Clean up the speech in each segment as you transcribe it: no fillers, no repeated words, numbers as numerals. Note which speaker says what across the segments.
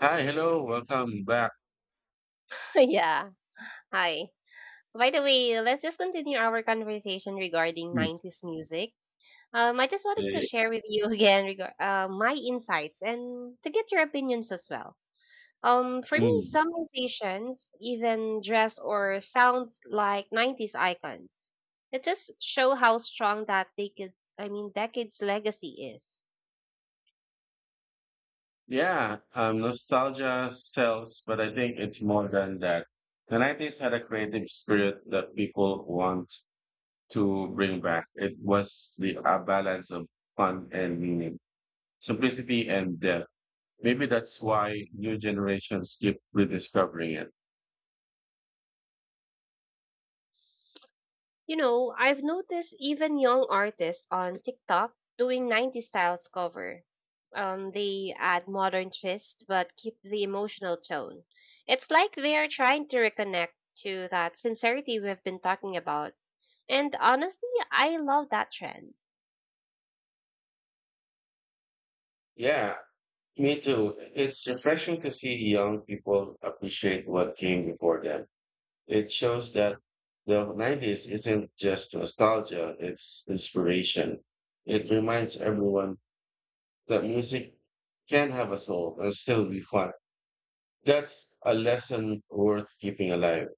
Speaker 1: Hi, hello, welcome back
Speaker 2: yeah. Hi. By the way, let's just continue our conversation regarding
Speaker 1: to
Speaker 2: 90s music. I just wanted to
Speaker 1: today.
Speaker 2: share with you again my insights and to get your opinions as well. For me,
Speaker 1: Mm.
Speaker 2: some musicians even dress or sound like 90s icons. It just show how strong that they could, I mean, decades legacy is.
Speaker 1: Yeah, nostalgia sells, but I think it's more than that. The 90s had a creative spirit that people want to bring back. It was the a balance of fun and meaning, simplicity and depth. Maybe that's why new generations keep rediscovering it.
Speaker 2: You know, I've noticed even young artists on TikTok doing 90s styles cover. They add modern twists but keep the emotional tone. It's like they are trying to reconnect to that sincerity we've been talking about. And honestly, I love that trend.
Speaker 1: Yeah, me too. It's refreshing to see young people appreciate what came before them. It shows that the 90s isn't just nostalgia, it's inspiration. It reminds everyone that music can have a soul and still be fun. That's a lesson worth keeping alive.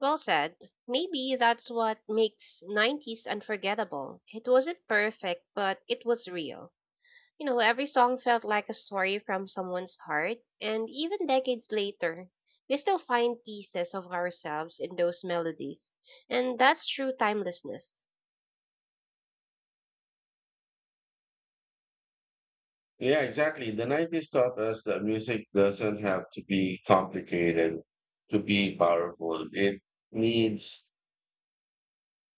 Speaker 2: Well said. Maybe that's what makes 90s unforgettable. It wasn't perfect, but it was real. You know, every song felt like a story from someone's heart, and even decades later, we still find pieces of ourselves in those melodies. And that's true timelessness.
Speaker 1: Yeah, exactly. The 90s taught us that music doesn't have to be complicated to be powerful. It needs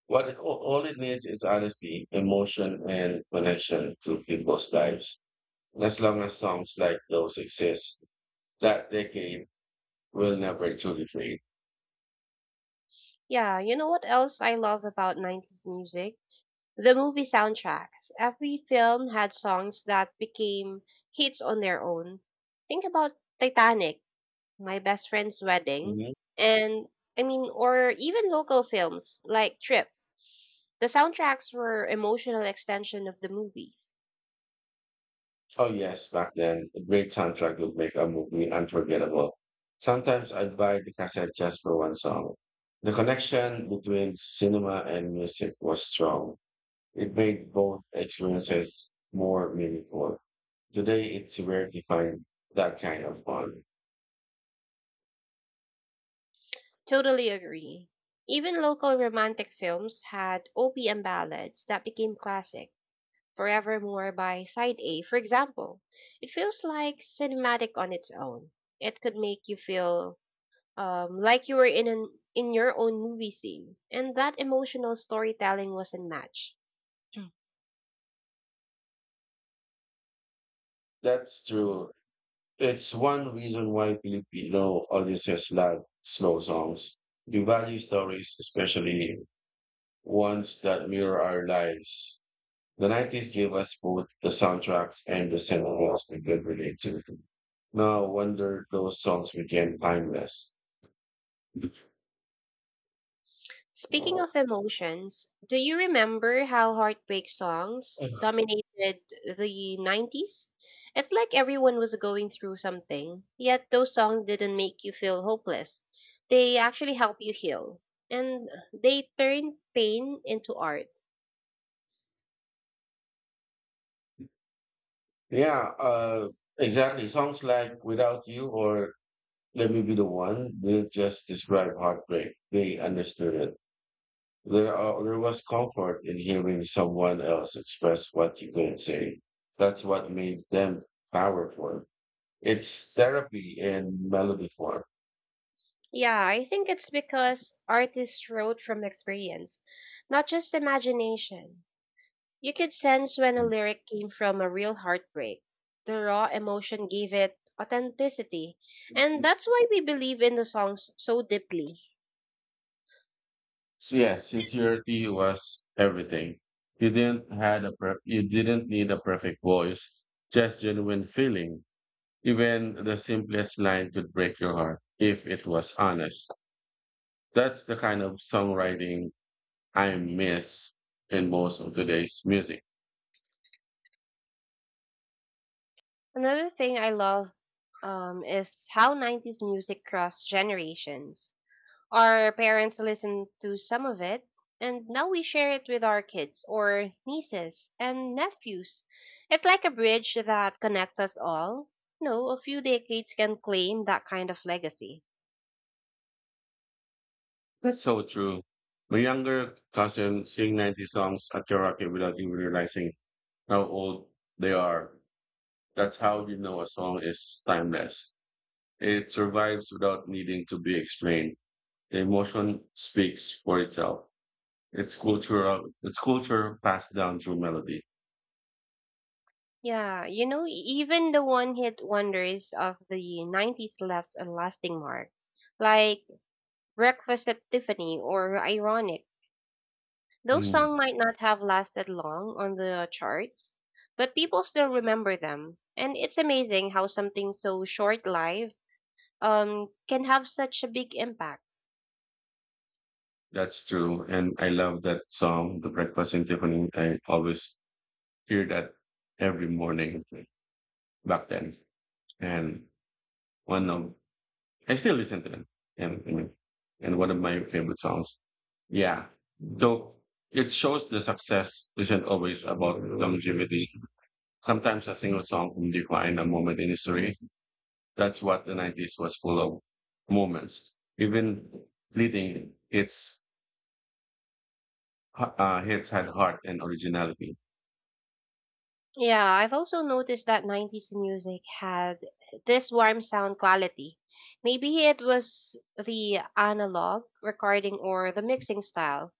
Speaker 1: what it, all it needs is honesty, emotion, and connection to people's lives. As long as songs like those exist, that decade will never truly fade.
Speaker 2: Yeah, you know what else I love about 90s music? The movie soundtracks. Every film had songs that became hits on their own. Think about Titanic, my best friend's weddings,
Speaker 1: Mhm.
Speaker 2: and I mean, or even local films like Trip. The soundtracks were emotional extension of the movies.
Speaker 1: Oh yes, back then, a great soundtrack would make a movie unforgettable. Sometimes I'd buy the cassette just for one song. The connection between cinema and music was strong. It made both experiences more meaningful. Today, it's rare to find that kind of fun.
Speaker 2: Totally agree. Even local romantic films had OPM ballads that became classic. Forevermore by Side A, for example. It feels like cinematic on its own. It could make you feel like you were in an in your own movie scene, and that emotional storytelling was unmatched. Yeah.
Speaker 1: That's true. It's one reason why Filipino audiences love slow songs. We value stories, especially ones that mirror our lives. The 90s gave us both the soundtracks and the cinemas we could relate to. No wonder those songs became timeless.
Speaker 2: Speaking of emotions, do you remember how heartbreak songs dominated the 90s? It's like everyone was going through something, yet those songs didn't make you feel hopeless. They actually help you heal, and they turn pain into art.
Speaker 1: Yeah, exactly. Songs like Without You or Let Me Be the One, they just describe heartbreak. They understood it. There was comfort in hearing someone else express what you couldn't say. That's what made them powerful. It's therapy in melody form.
Speaker 2: Yeah, I think it's because artists wrote from experience, not just imagination. You could sense when a lyric came from a real heartbreak. The raw emotion gave it authenticity, and that's why we believe in the songs so deeply.
Speaker 1: So yeah, sincerity was everything. You didn't need a perfect voice, just genuine feeling. Even the simplest line could break your heart if it was honest. That's the kind of songwriting I miss in most of today's music.
Speaker 2: Another thing I love is how 90s music crossed generations. Our parents listened to some of it, and now we share it with our kids or nieces and nephews. It's like a bridge that connects us all. No, a few decades can claim that kind of legacy.
Speaker 1: That's so true. My younger cousin sing 90 songs at karaoke without even realizing how old they are. That's how you know a song is timeless. It survives without needing to be explained. The emotion speaks for itself. It's cultural. It's culture passed down through melody.
Speaker 2: Yeah, you know, even the one hit wonders of the 90s left a lasting mark, like Breakfast at Tiffany or Ironic. Those songs
Speaker 1: Hmm.
Speaker 2: might not have lasted long on the charts, but people still remember them. And it's amazing how something so short lived can have such a big impact.
Speaker 1: That's true. And I love that song, The Breakfast in Tiffany. I always hear that every morning back then. And one of, I still listen to them. And, and and one of
Speaker 2: Mm.
Speaker 1: my favorite songs. Yeah. Though it shows the success isn't always about longevity. Sometimes a single song can define a moment in history. That's what the 90s was full of moments. Even leading its hits had heart and originality.
Speaker 2: Yeah, I've also noticed that 90s music had this warm sound quality. Maybe it was the analog recording or the mixing style.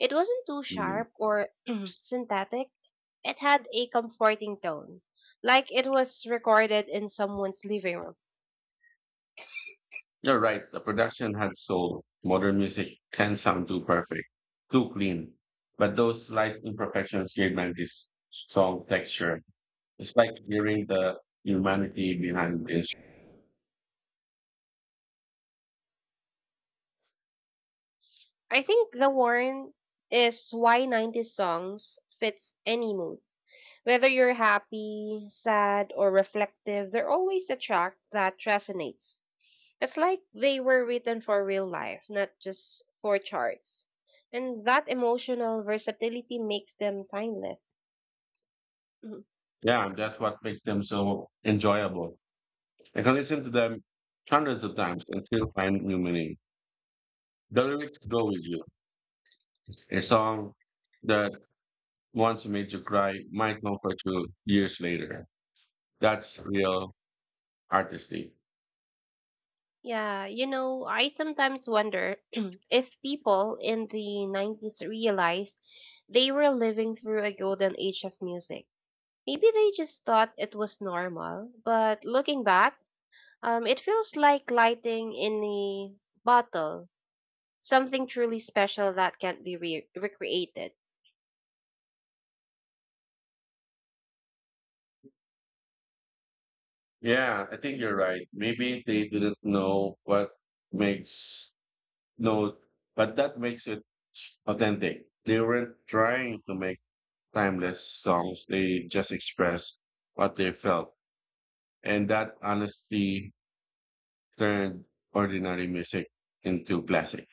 Speaker 2: It wasn't too sharp or synthetic. It had a comforting tone, like it was recorded in someone's living room.
Speaker 1: You're right. The production had soul. Modern music can sound too perfect, too clean. But those slight imperfections gave man this song texture. It's like hearing the humanity behind the instrument.
Speaker 2: I think The Warren is why 90s songs fits any mood. Whether you're happy, sad, or reflective, they're always a track that resonates. It's like they were written for real life, not just for charts. And that emotional versatility makes them timeless.
Speaker 1: Yeah, that's what makes them so enjoyable. I can listen to them hundreds of times and still find new meaning. The lyrics go with you. A song that once made you cry might comfort you years later. That's real artistry.
Speaker 2: Yeah, you know, I sometimes wonder if people in the 90s realized they were living through a golden age of music. Maybe they just thought it was normal, but looking back, it feels like lighting in a bottle, something truly special that can't be recreated.
Speaker 1: Yeah, I think you're right. Maybe they didn't know what makes no, but that makes it authentic. They weren't trying to make timeless songs. They just expressed what they felt, and that honesty turned ordinary music into classic.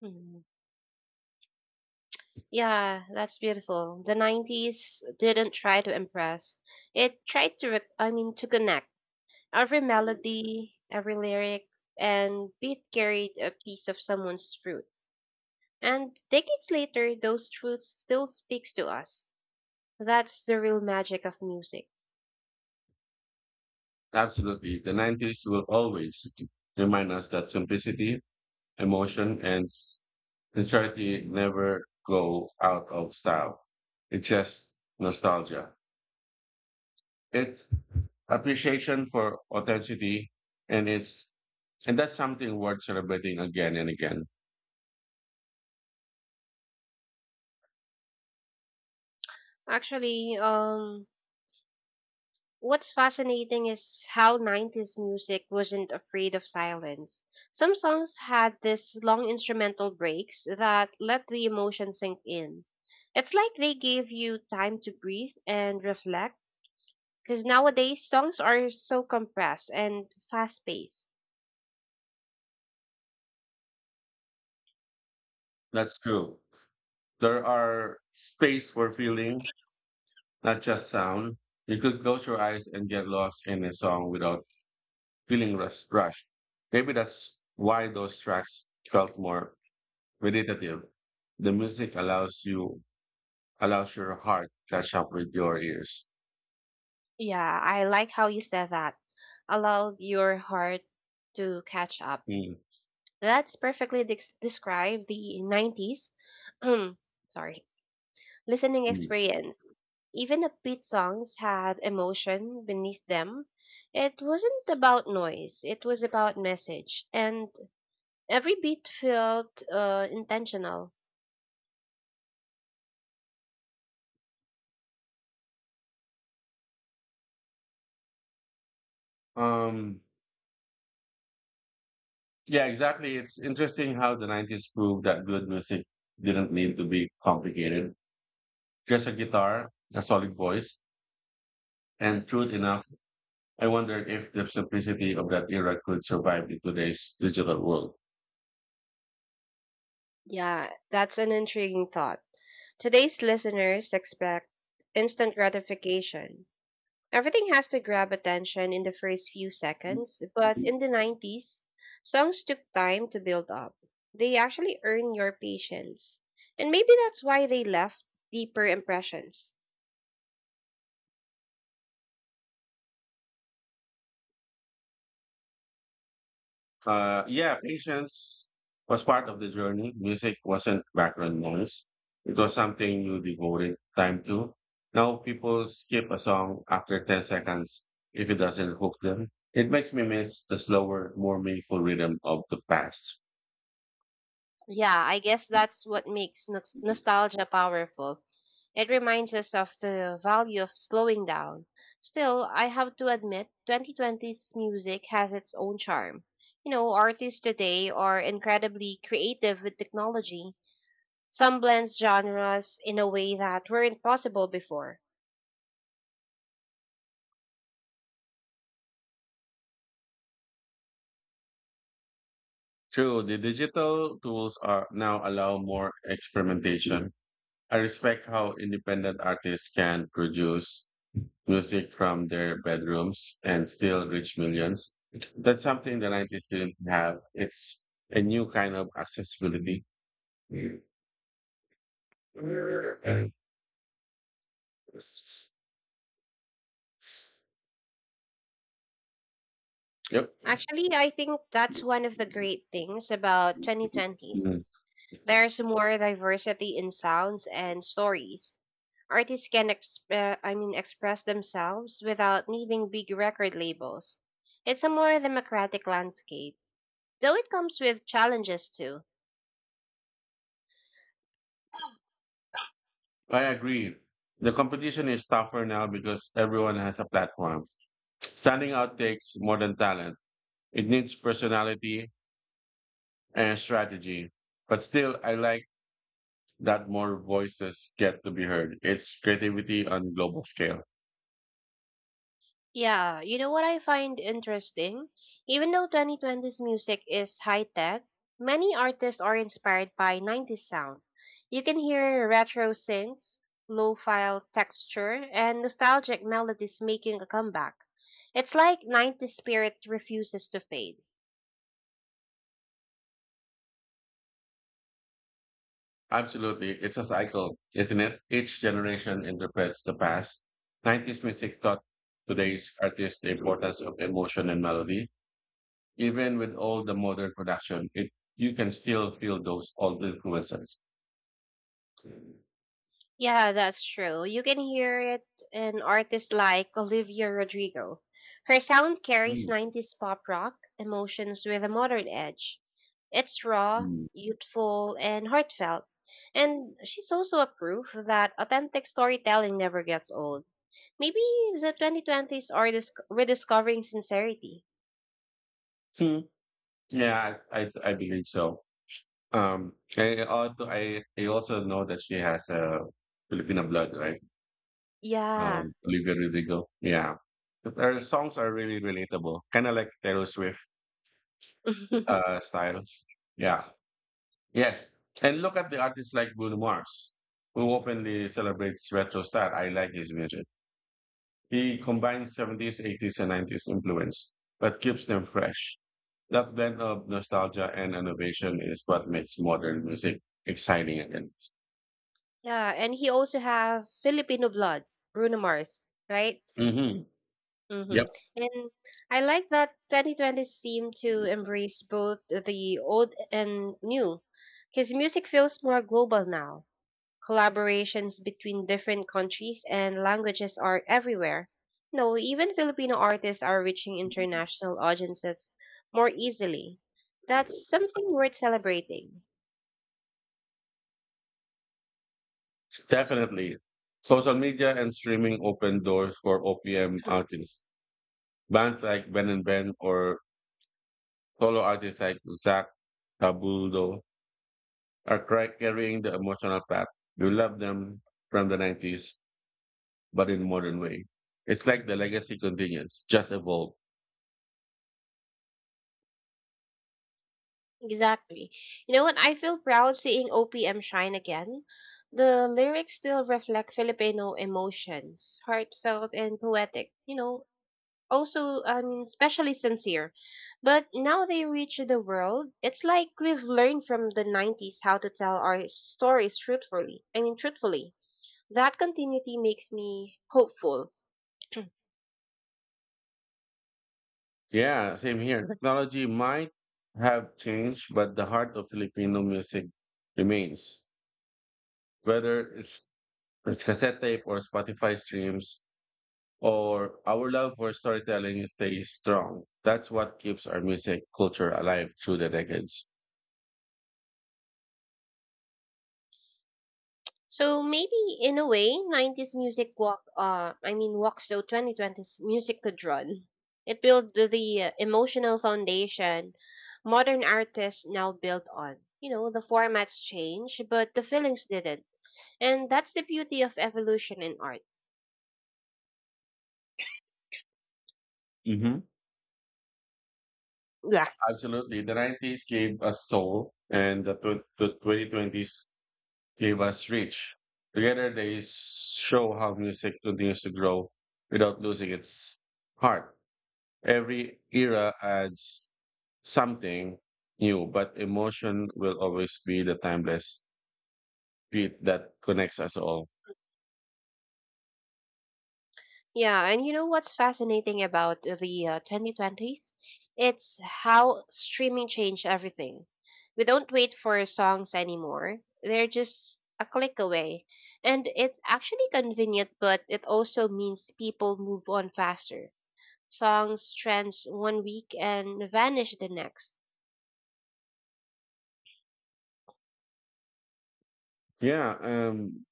Speaker 2: Mhm. Yeah, that's beautiful. The 90s didn't try to impress. It tried to, I mean, to connect. Every melody, every lyric, and beat carried a piece of someone's truth. And decades later, those truths still speaks to us. That's the real magic of music.
Speaker 1: Absolutely, the '90s will always remind us that simplicity, emotion, and sincerity never go out of style. It's just nostalgia, it's appreciation for authenticity, and it's and that's something worth celebrating again and again.
Speaker 2: Actually, what's fascinating is how 90s music wasn't afraid of silence. Some songs had these long instrumental breaks that let the emotion sink in. It's like they gave you time to breathe and reflect. Because nowadays songs are so compressed and fast paced.
Speaker 1: That's true, there are space for feeling, not just sound. You could close your eyes and get lost in a song without feeling rushed. Maybe that's why those tracks felt more meditative. The music allows your heart to catch up with your ears.
Speaker 2: Yeah, I like how you said that. Allow your heart to catch up.
Speaker 1: Mm,
Speaker 2: That's perfectly dex describe the 90s. Sorry. Listening
Speaker 1: mm.
Speaker 2: experience. Even upbeat songs had emotion beneath them. It wasn't about noise, it was about message. And every beat felt intentional.
Speaker 1: um Yeah, exactly. It's interesting how the 90s proved that good music didn't need to be complicated. Just a guitar, a solid voice, and truth enough, I wondered if the simplicity of that era could survive in today's digital world.
Speaker 2: Yeah, that's an intriguing thought. Today's listeners expect instant gratification. Everything has to grab attention in the first few seconds, but in the 90s, songs took time to build up. They actually earn your patience. And maybe that's why they left deeper impressions.
Speaker 1: Yeah, patience was part of the journey. Music wasn't background noise. It was something you devoted time to. Now people skip a song after 10 seconds if it doesn't hook them. It makes me miss the slower, more meaningful rhythm of the past.
Speaker 2: Yeah, I guess that's what makes nostalgia powerful. It reminds us of the value of slowing down. Still, I have to admit, 2020's music has its own charm. You know, artists today are incredibly creative with technology. Some blends genres in a way that weren't possible before.
Speaker 1: True, the digital tools are now allow more experimentation. I respect how independent artists can produce music from their bedrooms and still reach millions. That's something the 90s didn't have. It's a new kind of accessibility. Yep.
Speaker 2: Actually, I think that's one of the great things about 2020s.
Speaker 1: Mm.
Speaker 2: There's more diversity in sounds and stories. Artists can I mean express themselves without needing big record labels. It's a more democratic landscape, though it comes with challenges too.
Speaker 1: I agree. The competition is tougher now because everyone has a platform. Standing out takes more than talent. It needs personality and strategy. But still, I like that more voices get to be heard. It's creativity on global scale.
Speaker 2: Yeah, you know what I find interesting? Even though 2020's music is high tech, many artists are inspired by 90s sounds. You can hear retro synths, low file texture, and nostalgic melodies making a comeback. It's like 90s spirit refuses to fade.
Speaker 1: Absolutely. It's a cycle, isn't it? Each generation interprets the past. 90s music taught today's artists the importance of emotion and melody. Even with all the modern production, it you can still feel those old influences.
Speaker 2: Yeah, that's true. You can hear it in artists like Olivia Rodrigo. Her sound carries
Speaker 1: Mm.
Speaker 2: 90s pop rock emotions with a modern edge. It's raw,
Speaker 1: Mm.
Speaker 2: youthful, and heartfelt. And she's also a proof that authentic storytelling never gets old. Maybe the 2020s are rediscovering sincerity.
Speaker 1: Hmm. Yeah, I believe so. I also know that she has a Filipino blood, right?
Speaker 2: Yeah.
Speaker 1: Olivia Rodrigo. Yeah. Her songs are really relatable, kind of like Taylor Swift. uh, style. Yeah. Yes. And look at the artists like Bruno Mars, who openly celebrates retro style. I like his music. He combines 70s, 80s, and 90s influence, but keeps them fresh. That blend of nostalgia and innovation is what makes modern music exciting again.
Speaker 2: Yeah, and he also have Filipino blood, Bruno Mars, right?
Speaker 1: Hmm.
Speaker 2: Mm-hmm.
Speaker 1: Yep,
Speaker 2: And I like that 2020 seemed to embrace both the old and new, because music feels more global now. Collaborations between different countries and languages are everywhere. No, even Filipino artists are reaching international audiences more easily. That's something worth celebrating.
Speaker 1: definitely. Social media and streaming open doors for OPM artists. Bands like Ben and Ben or solo artists like Zach Tabuldo are carrying the emotional path. You love them from the 90s, but in modern way. It's like the legacy continues, just evolved.
Speaker 2: Exactly. You know what? I feel proud seeing OPM shine again. The lyrics still reflect Filipino emotions, heartfelt and poetic. You know, also I mean, especially sincere. But now they reach the world. It's like we've learned from the '90s how to tell our stories truthfully. I mean, truthfully. That continuity makes me hopeful.
Speaker 1: Yeah, same here. Technology might have changed, but the heart of Filipino music remains. Whether it's cassette tape or Spotify streams, or our love for storytelling stays strong. That's what keeps our music culture alive through the decades.
Speaker 2: So maybe in a way, 90s music walk I mean walks, so 2020s music could run. It built the emotional foundation modern artists now built on. You know, the formats change, but the feelings didn't. And that's the beauty of evolution in art.
Speaker 1: Mhm.
Speaker 2: Yeah.
Speaker 1: Absolutely. The 90s gave us soul, and the 2020s gave us reach. Together, they show how music continues to grow without losing its heart. Every era adds something new, but emotion will always be the timeless beat that connects us all.
Speaker 2: Yeah, and you know what's fascinating about the 2020s? It's how streaming changed everything. We don't wait for songs anymore. They're just a click away. And it's actually convenient, but it also means people move on faster. Songs trends one week and vanish the next.
Speaker 1: Yeah.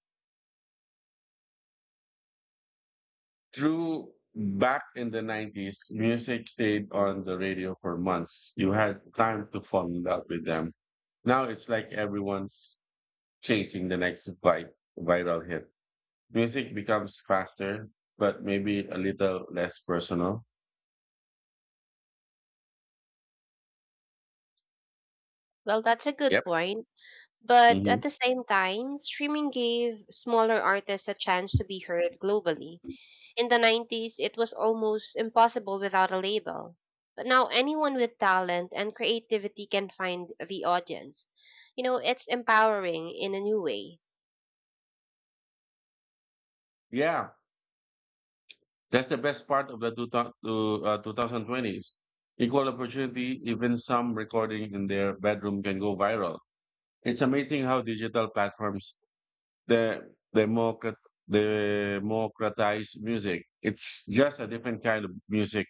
Speaker 1: True, back in the 90s, music stayed on the radio for months. You had time to fall in love with them. Now it's like everyone's chasing the next viral hit. Music becomes faster, but maybe a little less personal.
Speaker 2: Well, that's a good
Speaker 1: Yep.
Speaker 2: point. But at
Speaker 1: Hmm.
Speaker 2: the same time, streaming gave smaller artists a chance to be heard globally. In the 90s, it was almost impossible without a label. But now anyone with talent and creativity can find the audience. You know, it's empowering in a new way.
Speaker 1: Yeah, that's the best part of the 2020s. Equal opportunity, even some recording in their bedroom can go viral. It's amazing how digital platforms the democrat democratized music. It's just a different kind of music,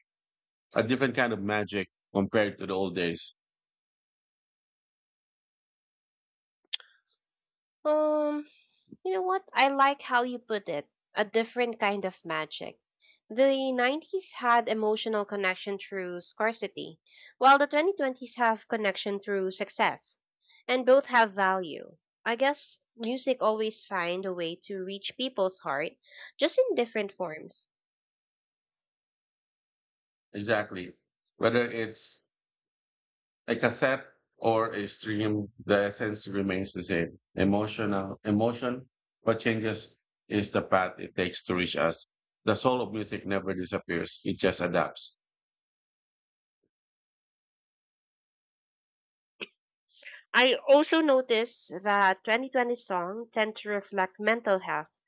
Speaker 1: a different kind of magic compared to the old days.
Speaker 2: Um, You know what? I like how you put it, a different kind of magic. The 90s had emotional connection through scarcity, while the 2020s have connection through success. And both have value. I guess music always find a way to reach people's heart, just in different forms.
Speaker 1: Exactly. Whether it's a cassette or a stream, the essence remains the same. Emotion, what changes is the path it takes to reach us. The soul of music never disappears, it just adapts.
Speaker 2: I also notice that 2020 songs tend to reflect mental health,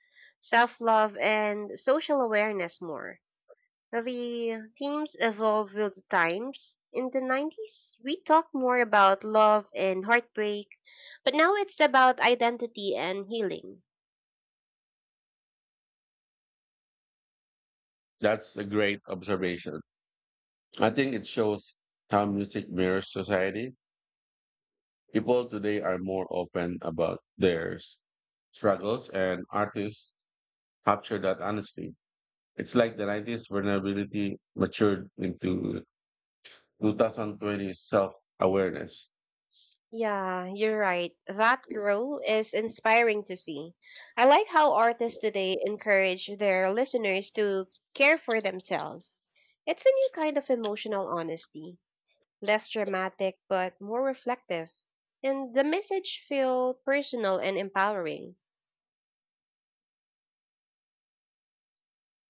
Speaker 2: self-love, and social awareness more. The themes evolved with the times. In the 90s, we talked more about love and heartbreak, but now it's about identity and healing.
Speaker 1: That's a great observation. I think it shows how music mirrors society. People today are more open about their struggles, and artists capture that honesty. It's like the 90s vulnerability matured into 2020 self awareness.
Speaker 2: Yeah, you're right. That growth is inspiring to see. I like how artists today encourage their listeners to care for themselves. It's a new kind of emotional honesty, less dramatic but more reflective. And the message feel personal and empowering.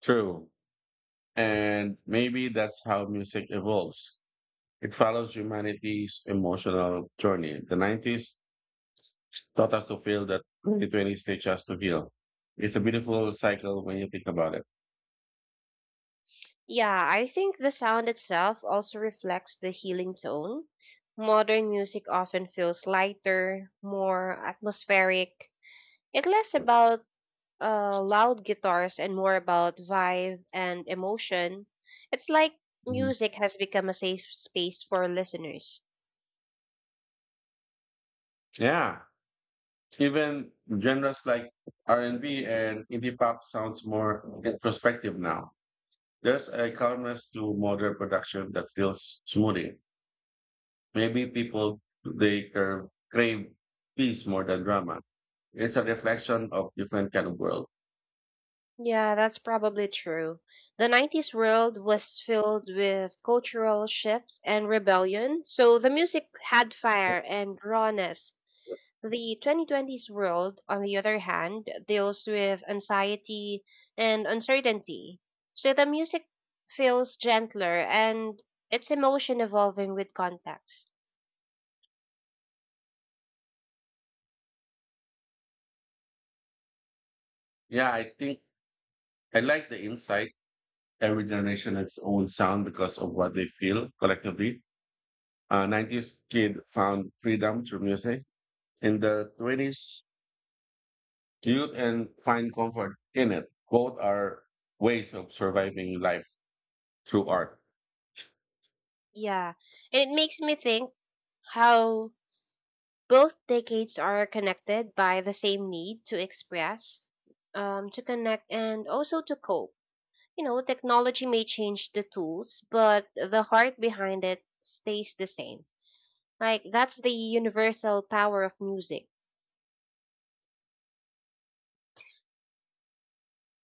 Speaker 1: True. And maybe that's how music evolves. It follows humanity's emotional journey. The 90s taught us to feel that 2020s teach us to heal. It's a beautiful cycle when you think about it.
Speaker 2: Yeah, I think the sound itself also reflects the healing tone. Modern music often feels lighter, more atmospheric. It's less about loud guitars and more about vibe and emotion. It's like
Speaker 1: Mhm.
Speaker 2: music has become a safe space for listeners.
Speaker 1: Yeah. Even genres like R&B and B and indie pop sounds more introspective now. There's a calmness to modern production that feels smoothing. Maybe people they crave peace more than drama. It's a reflection of different kind of world.
Speaker 2: Yeah, that's probably true. The 90s world was filled with cultural shifts and rebellion, so the music had fire and rawness. The 2020s world, on the other hand, deals with anxiety and uncertainty, so the music feels gentler and its emotion evolving with context.
Speaker 1: Yeah, I think I like the insight. Every generation has its own sound because of what they feel collectively. 90s kid found freedom through music. In the 20s, you and find comfort in it. Both are ways of surviving life through art.
Speaker 2: Yeah, and it makes me think how both decades are connected by the same need to express, to connect, and also to cope. You know, technology may change the tools, but the heart behind it stays the same. Like, that's the universal power of music.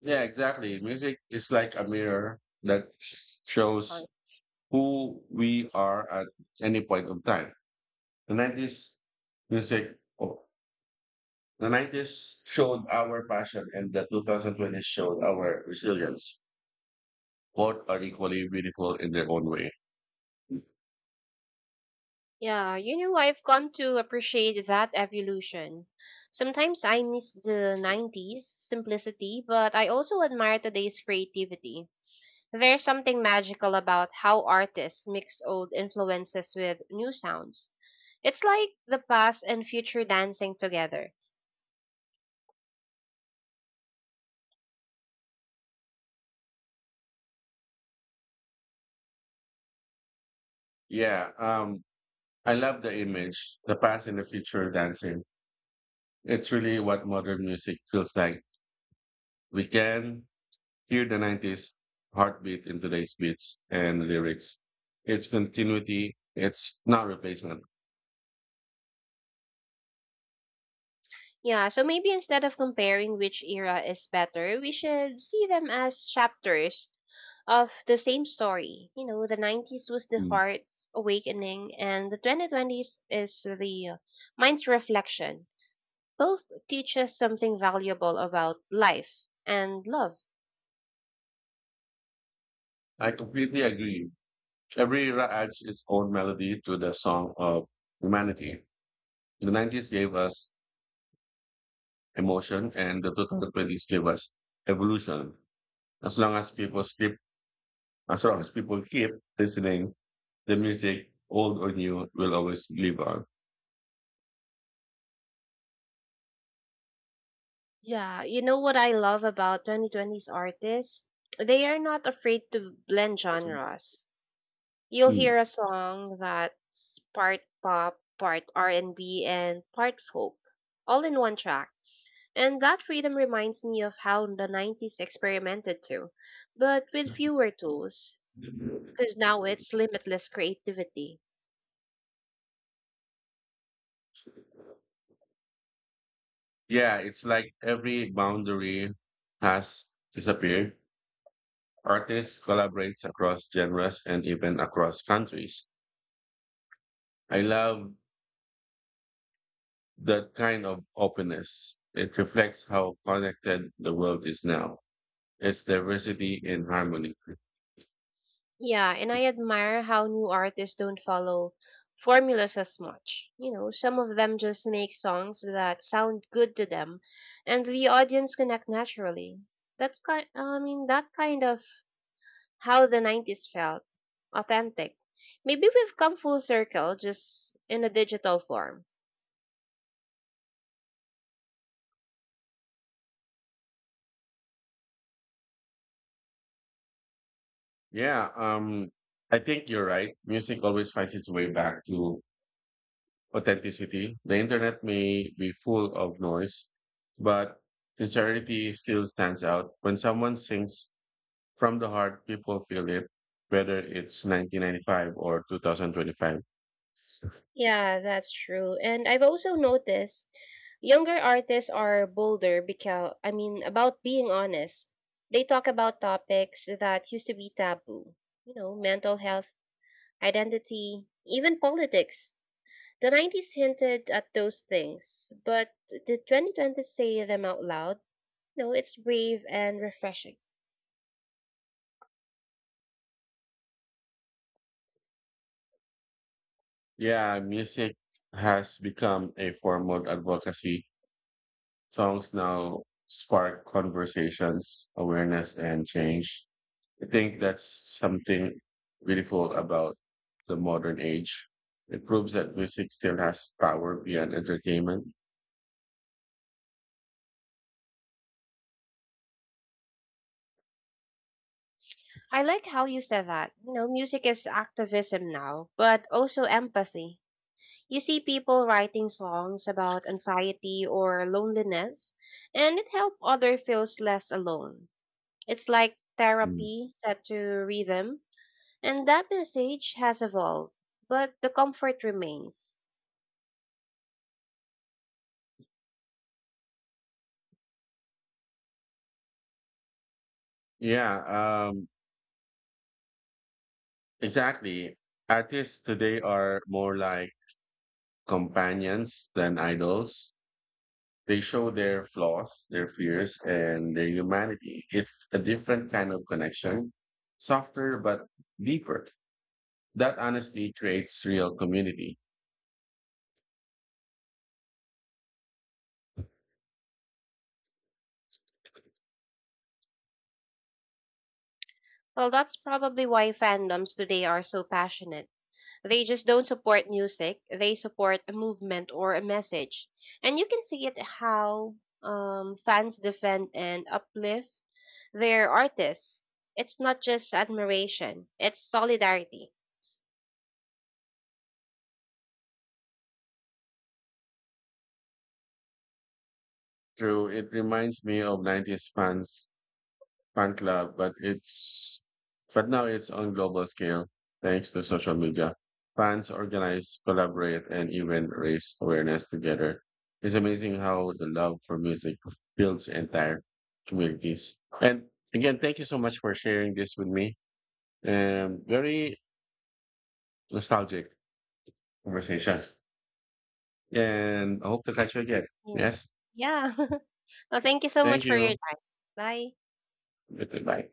Speaker 1: Yeah, exactly. Music is like a mirror that
Speaker 2: Sorry.
Speaker 1: shows who we are at any point of time. The 90s music. Oh, the 90s showed our passion and the 2020s showed our resilience. Both are equally beautiful in their own way.
Speaker 2: Yeah, you know, I've come to appreciate that evolution. Sometimes I miss the 90s simplicity, but I also admire today's creativity. There's something magical about how artists mix old influences with new sounds. It's like the past and future dancing together.
Speaker 1: Yeah, I love the image, the past and the future dancing. It's really what modern music feels like. We can hear the 90s heartbeat in today's beats and lyrics. It's continuity, it's not replacement.
Speaker 2: Yeah, so maybe instead of comparing which era is better, we should see them as chapters of the same story. You know, the 90s was the
Speaker 1: Mm.
Speaker 2: heart's awakening, and the 2020s is the mind's reflection. Both teach us something valuable about life and love.
Speaker 1: I completely agree. Every era adds its own melody to the song of humanity. the 90s gave us emotion and the 2020s gave us evolution. As long as people keep as long as people keep listening, the music, old or new, will always live on.
Speaker 2: Yeah, you know what I love about 2020's artists? They are not afraid to blend genres. You'll
Speaker 1: Mm.
Speaker 2: hear a song that's part pop, part R&B, and B, and part folk, all in one track. And that freedom reminds me of how the 90s experimented too, but with fewer tools, because now it's limitless creativity.
Speaker 1: Yeah, it's like every boundary has disappeared. Artists collaborates across genres and even across countries. I love that kind of openness. It reflects how connected the world is now. It's diversity in harmony.
Speaker 2: Yeah, and I admire how new artists don't follow formulas as much. You know, some of them just make songs that sound good to them, and the audience connect naturally. That's kind. I mean, that kind of how the '90s felt, authentic. Maybe we've come full circle, just in a digital form.
Speaker 1: Yeah, I think you're right. Music always finds its way back to authenticity. The internet may be full of noise, but sincerity still stands out. When someone sings from the heart, people feel it, whether it's 1995 or 2025.
Speaker 2: Yeah, that's true. And I've also noticed younger artists are bolder because I mean about being honest. They talk about topics that used to be taboo. You know, mental health, identity, even politics. The 90s hinted at those things, but the 2020s say them out loud? No, it's brave and refreshing.
Speaker 1: Yeah, music has become a form of advocacy. Songs now spark conversations, awareness, and change. I think that's something beautiful about the modern age. It proves that music still has power beyond entertainment.
Speaker 2: I like how you said that. You know, music is activism now, but also empathy. You see people writing songs about anxiety or loneliness, and it helps others feels less alone. It's like
Speaker 1: Mm.
Speaker 2: therapy set to rhythm, and that message has evolved, but the comfort remains.
Speaker 1: Yeah, um, exactly. Artists today are more like companions than idols. They show their flaws, their fears, and their humanity. It's a different kind of connection, softer but deeper. That honesty creates real community.
Speaker 2: Well, that's probably why fandoms today are so passionate. They just don't support music, they support a movement or a message. And you can see it how fans defend and uplift they're artists. It's not just admiration, it's solidarity.
Speaker 1: True, it reminds me of 90s fan club, but it's but now it's on global scale thanks to social media. Fans organize, collaborate, and even raise awareness together. It's amazing how the love for music builds entire communities. And again, thank you so much for sharing this with me. Very nostalgic conversation. And I hope to catch you again. Yes.
Speaker 2: Yeah. Well, thank you so
Speaker 1: Thank
Speaker 2: much for your
Speaker 1: you.
Speaker 2: time. Bye.
Speaker 1: Goodbye.